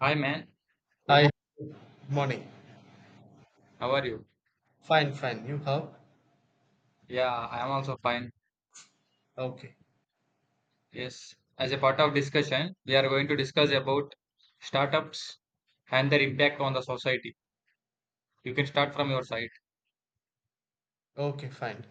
Hi man, good I morning. have money. How are you? Fine, fine. You have? Yeah, I am also fine. Okay. Yes, as a part of discussion, we are going to discuss about startups and their impact on the society. You can start from your side. Okay, fine.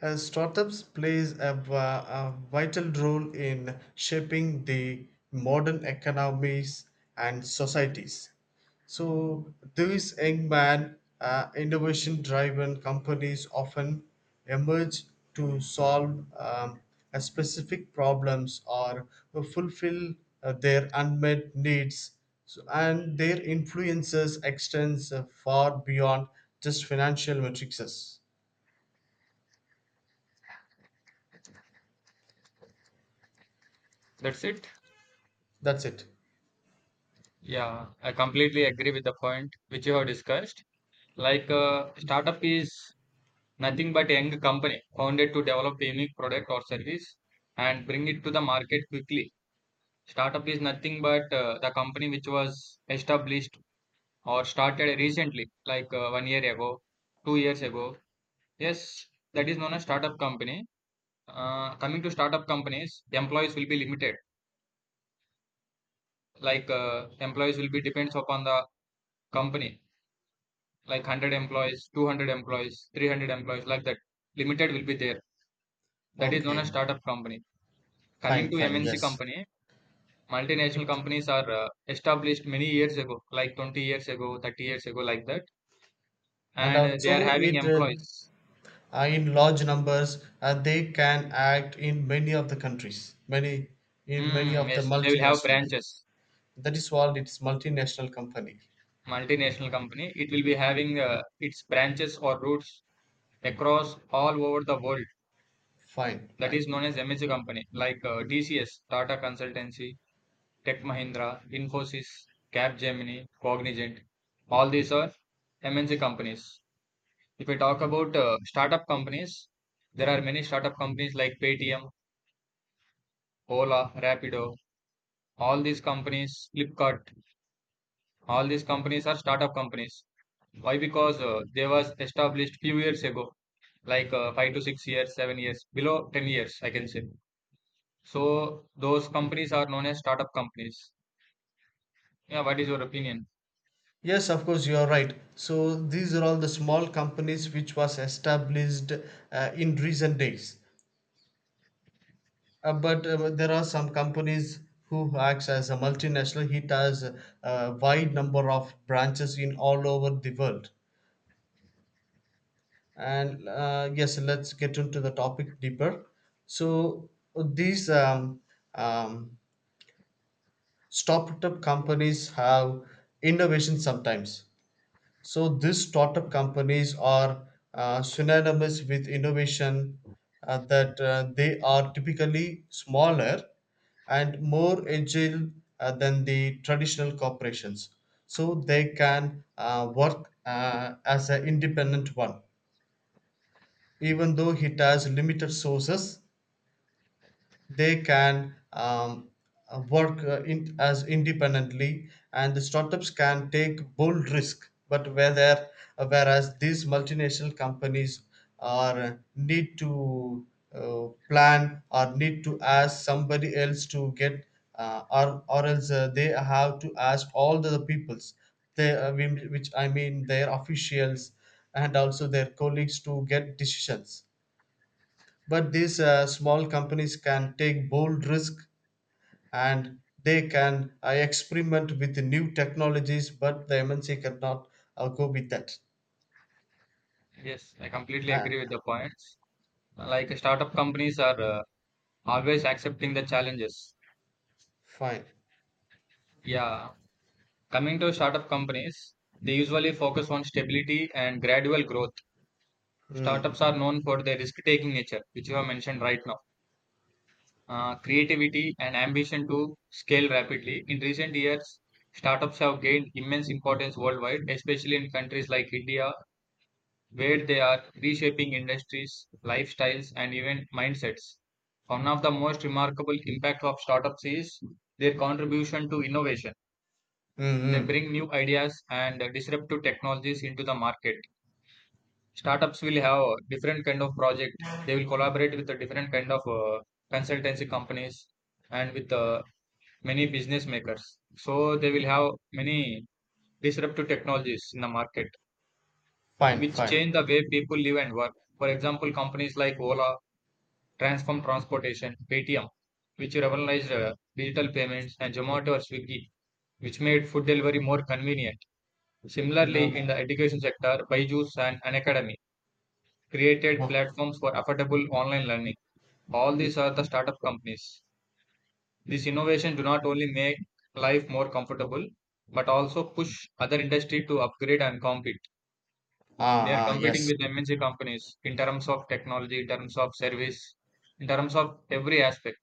And startups plays a vital role in shaping the modern economies and societies. So these young man innovation driven companies often emerge to solve a specific problems or fulfill their unmet needs so, and their influences extends far beyond just financial matrices. That's it. That's it. Yeah, I completely agree with the point which you have discussed. Like startup is nothing but a young company founded to develop a unique product or service and bring it to the market quickly. Startup is nothing but the company which was established or started recently, like 1 year ago, 2 years ago. Yes, that is known as startup company. Coming to startup companies, employees will be limited. Like employees will be depends upon the company. Like 100 employees, 200 employees, 300 employees, like that. Limited will be there. That is known as Okay. startup company. Coming Fine, to fine, MNC yes. company, multinational It, companies are established many years ago, like 20 years ago, 30 years ago, like that, and and they also are having it employees. In large numbers they can act in many of the countries, many in many Mm, of the yes, they will have multinationals. branches. That is what it's multinational company. Multinational company. It will be having its branches or roots across all over the world. Fine, That is fine. known as MNC company, like DCS, Tata Consultancy, Tech Mahindra, Infosys, Capgemini, Cognizant. All these are MNC companies. If we talk about startup companies, there are many startup companies like Paytm, Ola, Rapido. All these companies, Flipkart, all these companies are startup companies. Why? Because they was established few years ago, like 5 to 6 years, 7 years, below 10 years, I can say. So those companies are known as startup companies. Yeah, what is your opinion? Yes, of course you are right. So these are all the small companies which was established in recent days. But there are some companies who acts as a multinational. It has a wide number of branches in all over the world and yes, let's get into the topic deeper. So these um, startup companies have innovation sometimes. So these startup companies are synonymous with innovation, that they are typically smaller and more agile, than the traditional corporations. So they can work as an independent one even though it has limited sources. They can work as independently, and the startups can take bold risk. But whether whereas these multinational companies are need to plan or need to ask somebody else to get or else they have to ask all the peoples, they which I mean their officials and also their colleagues to get decisions. But these small companies can take bold risk and they can experiment with the new technologies, but the MNC cannot go with that. Yes, I completely ah, agree with the points. Like startup companies are always accepting the challenges. Fine. Yeah, coming to startup companies, they usually focus on stability and gradual growth. Mm. Startups are known for their risk taking nature, which you have mentioned right now, creativity, and ambition to scale rapidly. In recent years, startups have gained immense importance worldwide, especially in countries like India, where they are reshaping industries, lifestyles, and even mindsets. One of the most remarkable impacts of startups is their contribution to innovation. They Mm-hmm. bring new ideas and disruptive technologies into the market. Startups will have a different kind of project. They will collaborate with the different kind of consultancy companies and with the many business makers. So they will have many disruptive technologies in the market, Fine, which fine. change the way people live and work. For example, companies like Ola, Transform Transportation, Paytm, which revolutionized digital payments, and Zomato or Swiggy, which made food delivery more convenient. Similarly, No. in the education sector, Byju's and An Academy created No. platforms for affordable online learning. All these are the startup companies. This innovation do not only make life more comfortable, but also push other industry to upgrade and compete. Ah, They are ah, competing yes. with MNC companies in terms of technology, in terms of service, in terms of every aspect.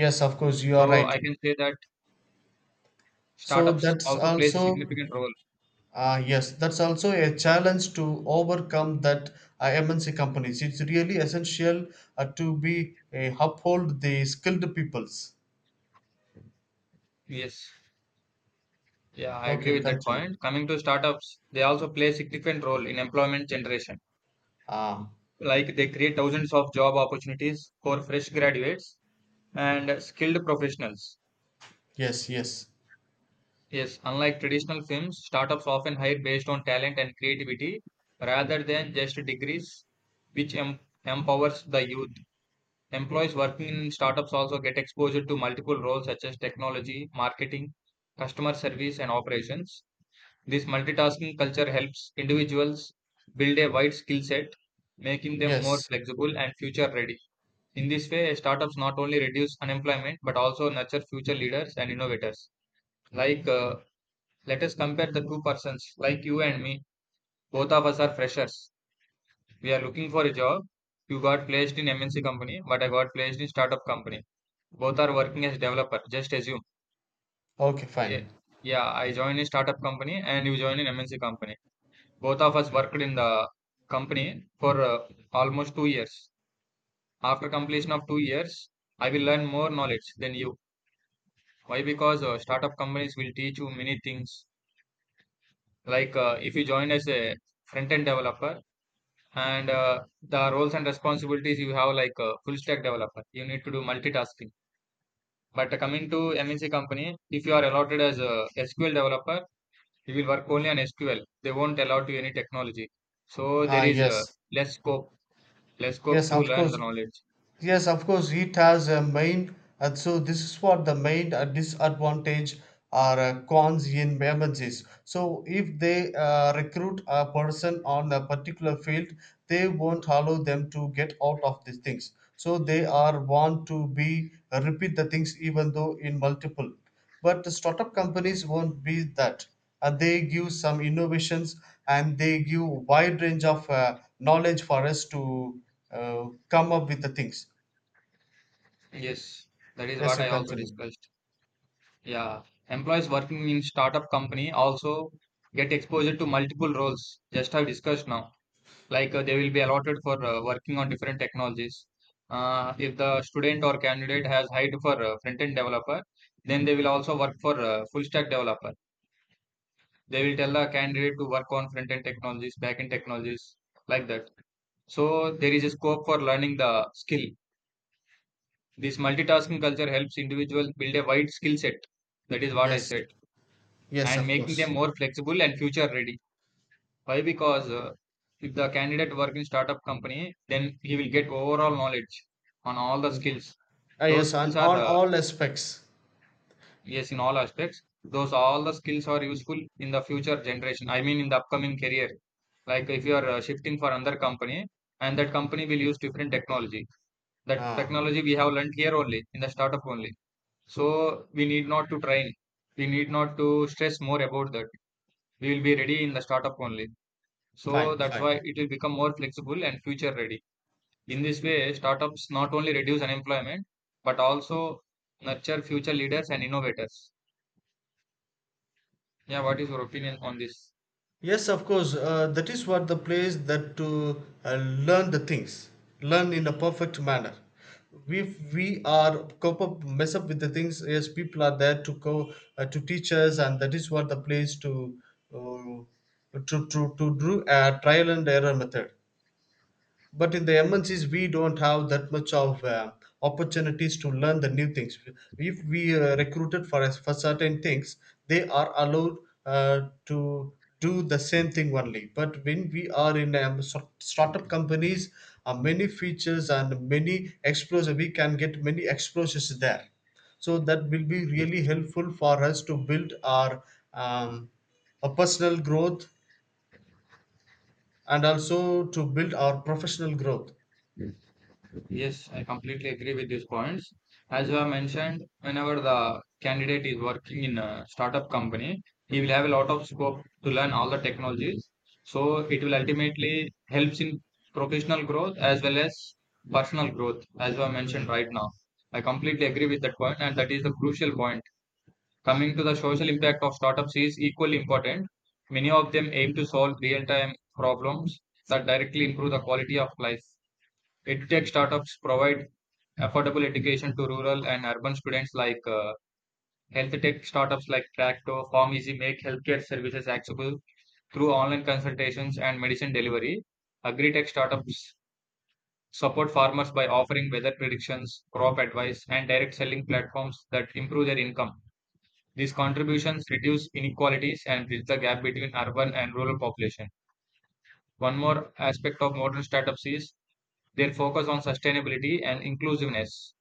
Yes, of course you are So right. I can say that So startups that's also plays a also, significant role. ah, yes, that's also a challenge to overcome that MNC companies. It's really essential to be uphold the skilled peoples. Yes. Yeah, I agree Okay, with that continue. point. Coming to startups, they also play a significant role in employment generation. Ah, Like they create thousands of job opportunities for fresh graduates and skilled professionals. yes, yes, Yes, unlike traditional films, startups often hire based on talent and creativity rather than just degrees, which empowers the youth. Employees working in startups also get exposure to multiple roles such as technology, marketing, customer service, and operations. This multitasking culture helps individuals build a wide skill set, making them more yes. flexible and future ready. In this way, startups not only reduce unemployment but also nurture future leaders and innovators. Like let us compare the two persons, like you and me. Both of us are freshers. We are looking for a job. You got placed in MNC company, but I got placed in startup company. Both are working as developer. Just assume. Okay, Yeah, fine. yeah. I joined a startup company and you joined an MNC company. Both of us worked in the company for almost 2 years. After completion of 2 years, I will learn more knowledge than you. Why? Because startup companies will teach you many things. Like if you join as a front end developer, and the roles and responsibilities you have like a full stack developer, you need to do multitasking. But coming to MNC company, if you are allotted as a SQL developer, you will work only on SQL. They won't allow you any technology. So Ah, there is yes, less scope less scope yes, to of learn course. the knowledge. Yes, of course, it has a main, and so this is what the main disadvantage or cons in emergencies. So, if they recruit a person on a particular field, they won't allow them to get out of these things. So, they are want to be repeat the things even though in multiple. But the startup companies won't be that. They give some innovations and they give wide range of knowledge for us to come up with the things. Yes, that is Yes, what you I also continue. discussed. Yeah, employees working in startup company also get exposure to multiple roles, just have discussed now. Like they will be allotted for working on different technologies. If the student or candidate has height for front end developer, then they will also work for full stack developer. They will tell the candidate to work on front end technologies, back end technologies, like that. So there is a scope for learning the skill. This multitasking culture helps individuals build a wide skill set. That is what I Yes, said, yes, and of making them course. more flexible and future ready. Why? Because if the candidate work in startup company, then he will get overall knowledge on all the Mm. skills. Ah, Those yes, skills are on all aspects. yes in all aspects. Those all the skills are useful in the future generation. I mean in the upcoming career. Like if you are shifting for another company, and that company will use different technology. That Ah, technology we have learned here only in the startup only. So we need not to train. We need not to stress more about that. We will be ready in the startup only. So fine, that's fine. why it will become more flexible and future ready. In this way, startups not only reduce unemployment but also nurture future leaders and innovators. Yeah, what is your opinion on this? Yes, of course. That is what the place that to learn the things, learn in a perfect manner. If we are cope up, mess up with the things, yes, people are there to go to teach us, and that is what the place to do a trial and error method. But in the MNCs we don't have that much of opportunities to learn the new things. If we recruited for us for certain things, they are allowed to do the same thing only. But when we are in startup companies, many features and many exposure we can get many exposures there. So that will be Yes. really helpful for us to build our um, a personal growth and also to build our professional growth. Yes, I completely agree with these points. As you have mentioned, whenever the candidate is working in a startup company, he will have a lot of scope to learn all the technologies. So it will ultimately helps in professional growth as well as personal growth, as you have mentioned Hmm. right now. I completely agree with that point, and that is the crucial point. Coming to the social impact of startups is equally important. Many of them aim to solve real-time problems that directly improve the quality of life. EdTech startups provide affordable education to rural and urban students. Like health tech startups like Tracto, Farm Easy make healthcare services accessible through online consultations and medicine delivery. Agri-tech startups support farmers by offering weather predictions, crop advice, and direct selling platforms that improve their income. These contributions reduce inequalities and bridge the gap between urban and rural population. One more aspect of modern startups is their focus on sustainability and inclusiveness.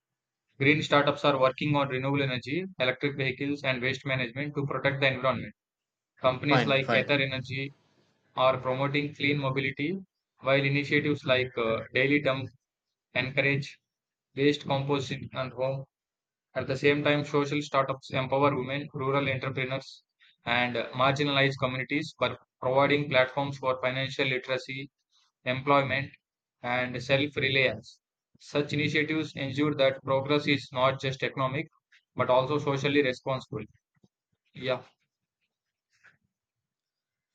Green startups are working on renewable energy, electric vehicles, and waste management to protect the environment. Companies Fine, like fine, Ether Energy are promoting clean mobility, while initiatives like Daily Dump encourage waste composting and home. At the same time, social startups empower women, rural entrepreneurs, and marginalized communities by providing platforms for financial literacy, employment, and self reliance. Such initiatives ensure that progress is not just economic but also socially responsible. Yeah,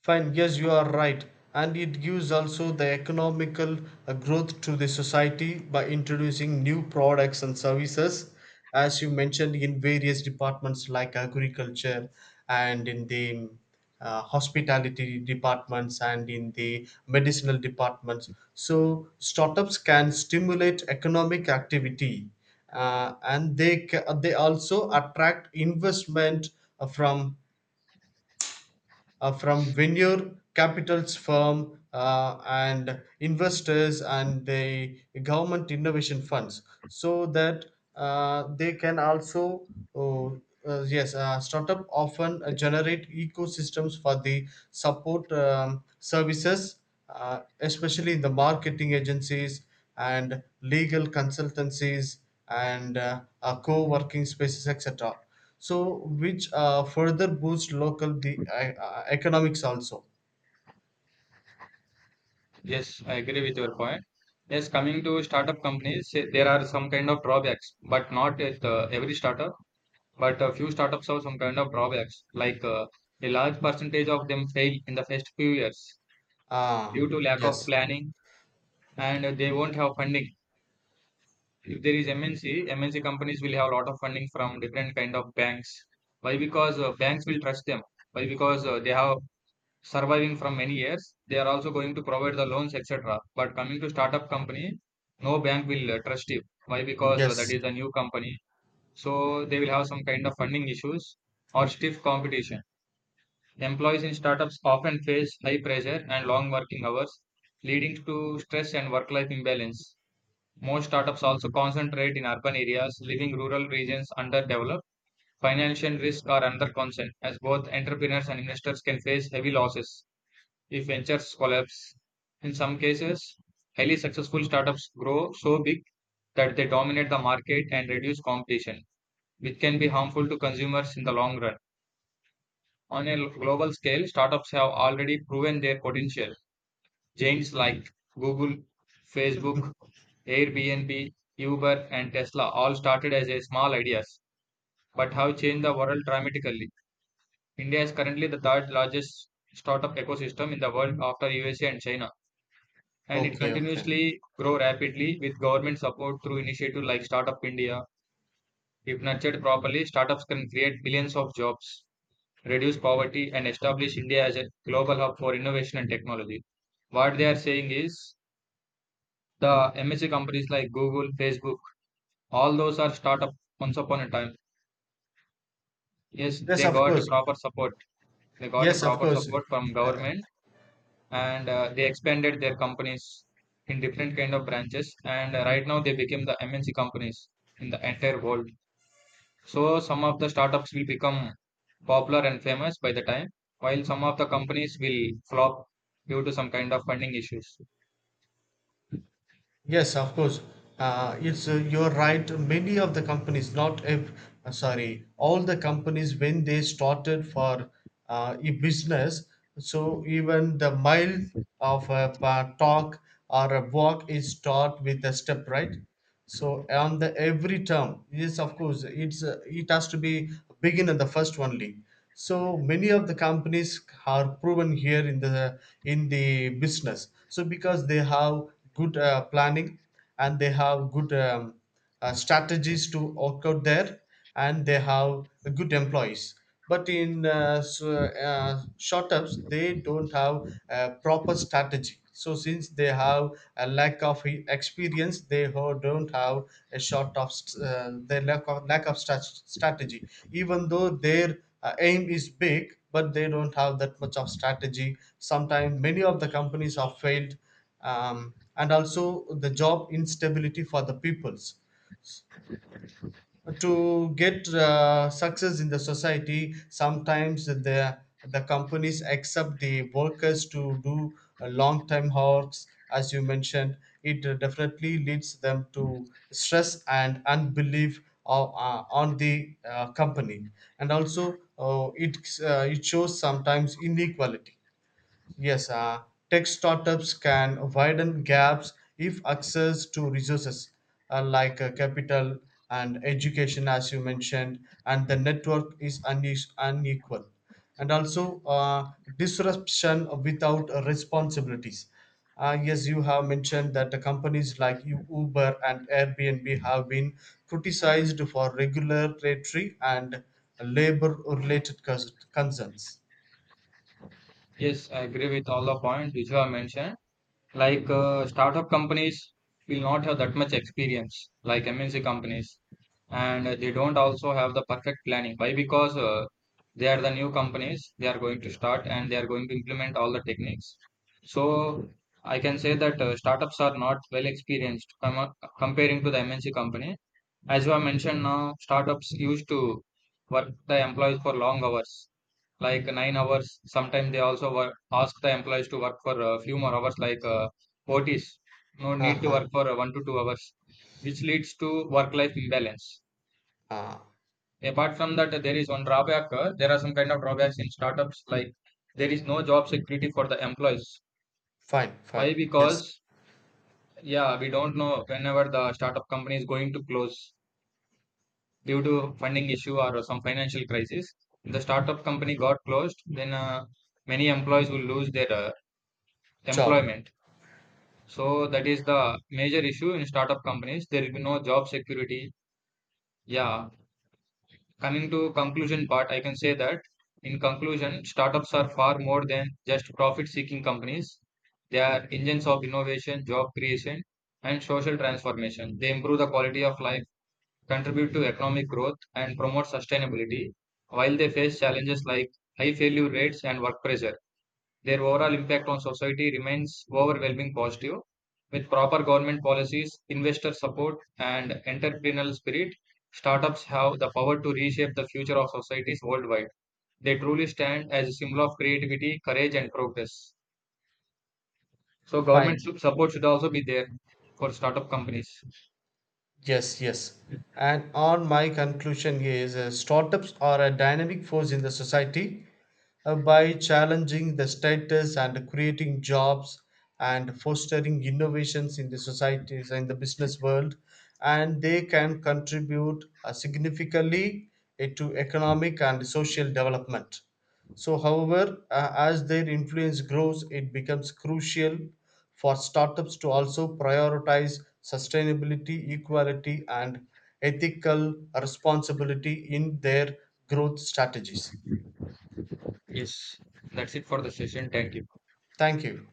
fine. Yes, you are right. And it gives also the economical growth to the society by introducing new products and services, as you mentioned in various departments like agriculture and in the hospitality departments and in the medicinal departments. So, startups can stimulate economic activity and they also attract investment uh, from from venture capitals firm and investors and the government innovation funds, so that they can also, oh, yes, startup often generate ecosystems for the support services, especially in the marketing agencies and legal consultancies and co-working spaces, etc. So which further boost local the economics also. yes, I agree with your point. Yes, coming to startup companies, eh, there are some kind of drawbacks, but not at every startup, but a few startups have some kind of drawbacks, like a large percentage of them fail in the first few years Ah, due to lack yes. of planning, and they won't have funding. If there is MNC, MNC companies will have a lot of funding from different kind of banks. Why? Because banks will trust them. Why? Because they have surviving from many years. They are also going to provide the loans, etc. But coming to startup company, no bank will trust you. Why? Because that Yes. is a new company, so they will have some kind of funding issues or stiff competition. Employees in startups often face high pressure and long working hours, leading to stress and work-life imbalance. Most startups also concentrate in urban areas, leaving rural regions underdeveloped. Financial risk are another concern, as both entrepreneurs and investors can face heavy losses if ventures collapse. In some cases, highly successful startups grow so big that they dominate the market and reduce competition, which can be harmful to consumers in the long run. On a global scale, startups have already proven their potential. Giants like Google, Facebook, Airbnb, Uber, and Tesla all started as a small ideas, but have changed the world dramatically. India is currently the third largest startup ecosystem in the world after USA and China, and it Okay, okay. continuously grow rapidly with government support through initiatives like Startup India. If nurtured properly, startups can create billions of jobs, reduce poverty, and establish India as a global hub for innovation and technology. What they are saying is the MNC companies like Google, Facebook, all those are startup once upon a time. Yes, Yes, they of got a course. proper support. They got a Yes, of proper course. support from government, and they expanded their companies in different kind of branches. And Right now, they became the MNC companies in the entire world. So some of the startups will become popular and famous by the time, while some of the companies will flop due to some kind of funding issues. Yes, of course, it's you're right, many of the companies not if, sorry, all the companies when they started for a business. So even the mile of talk or a walk is start with a step, right? So on the every term, yes, of course, it has to be begin at the first only. So many of the companies are proven here in the business. So because they have good planning and they have good strategies to work out there, and they have good employees. But startups they don't have a proper strategy. So since they have a lack of experience, they don't have a short of their lack of strategy. Even though their aim is big, but they don't have that much of strategy, sometimes many of the companies have failed. And also the job instability for the peoples to get success in the society, sometimes the companies accept the workers to do a long time hours as you mentioned. It definitely leads them to stress and unbelief on the company. And also, it it shows sometimes inequality. Yes, tech startups can widen gaps if access to resources, like capital and education, as you mentioned, and the network is unequal. And also, disruption without responsibilities. Yes, you have mentioned that the companies like Uber and Airbnb have been criticized for regulatory and labor related concerns. Yes, I agree with all the points which you have mentioned. Like startup companies will not have that much experience, like MNC companies, and they don't also have the perfect planning. Why? Because they are the new companies, they are going to start and they are going to implement all the techniques. So I can say that startups are not well experienced comparing to the MNC company. As you have mentioned now, startups used to work the employees for long hours, like 9 hours. Sometimes they also work, ask the employees to work for a few more hours, like OTs. No need to Uh-huh. work for 1 to 2 hours, which leads to work-life imbalance. Uh, Apart from that, there is one drawback. There are some kind of drawbacks in startups, like there is no job security for the employees. Fine, fine. Why? Yes. Because yeah, we don't know whenever the startup company is going to close due to funding issue or some financial crisis. The startup company got closed, then many employees will lose their Job. employment. So that is the major issue in startup companies. There will be no job security. Yeah. Coming to conclusion part, I can say that in conclusion, startups are far more than just profit-seeking companies. They are engines of innovation, job creation, and social transformation. They improve the quality of life, contribute to economic growth, and promote sustainability, while they face challenges like high failure rates and work pressure. Their overall impact on society remains overwhelming positive. With proper government policies, investor support, and entrepreneurial spirit, startups have the power to reshape the future of societies worldwide. They truly stand as a symbol of creativity, courage, and progress. So, government Fine. Support should also be there for startup companies. Yes, yes. And on my conclusion is startups are a dynamic force in the society, by challenging the status and creating jobs and fostering innovations in the societies and the business world, and they can contribute significantly to economic and social development. So however, as their influence grows, it becomes crucial for startups to also prioritize sustainability, equality, and ethical responsibility in their growth strategies. Yes, that's it for the session. Thank you. Thank you.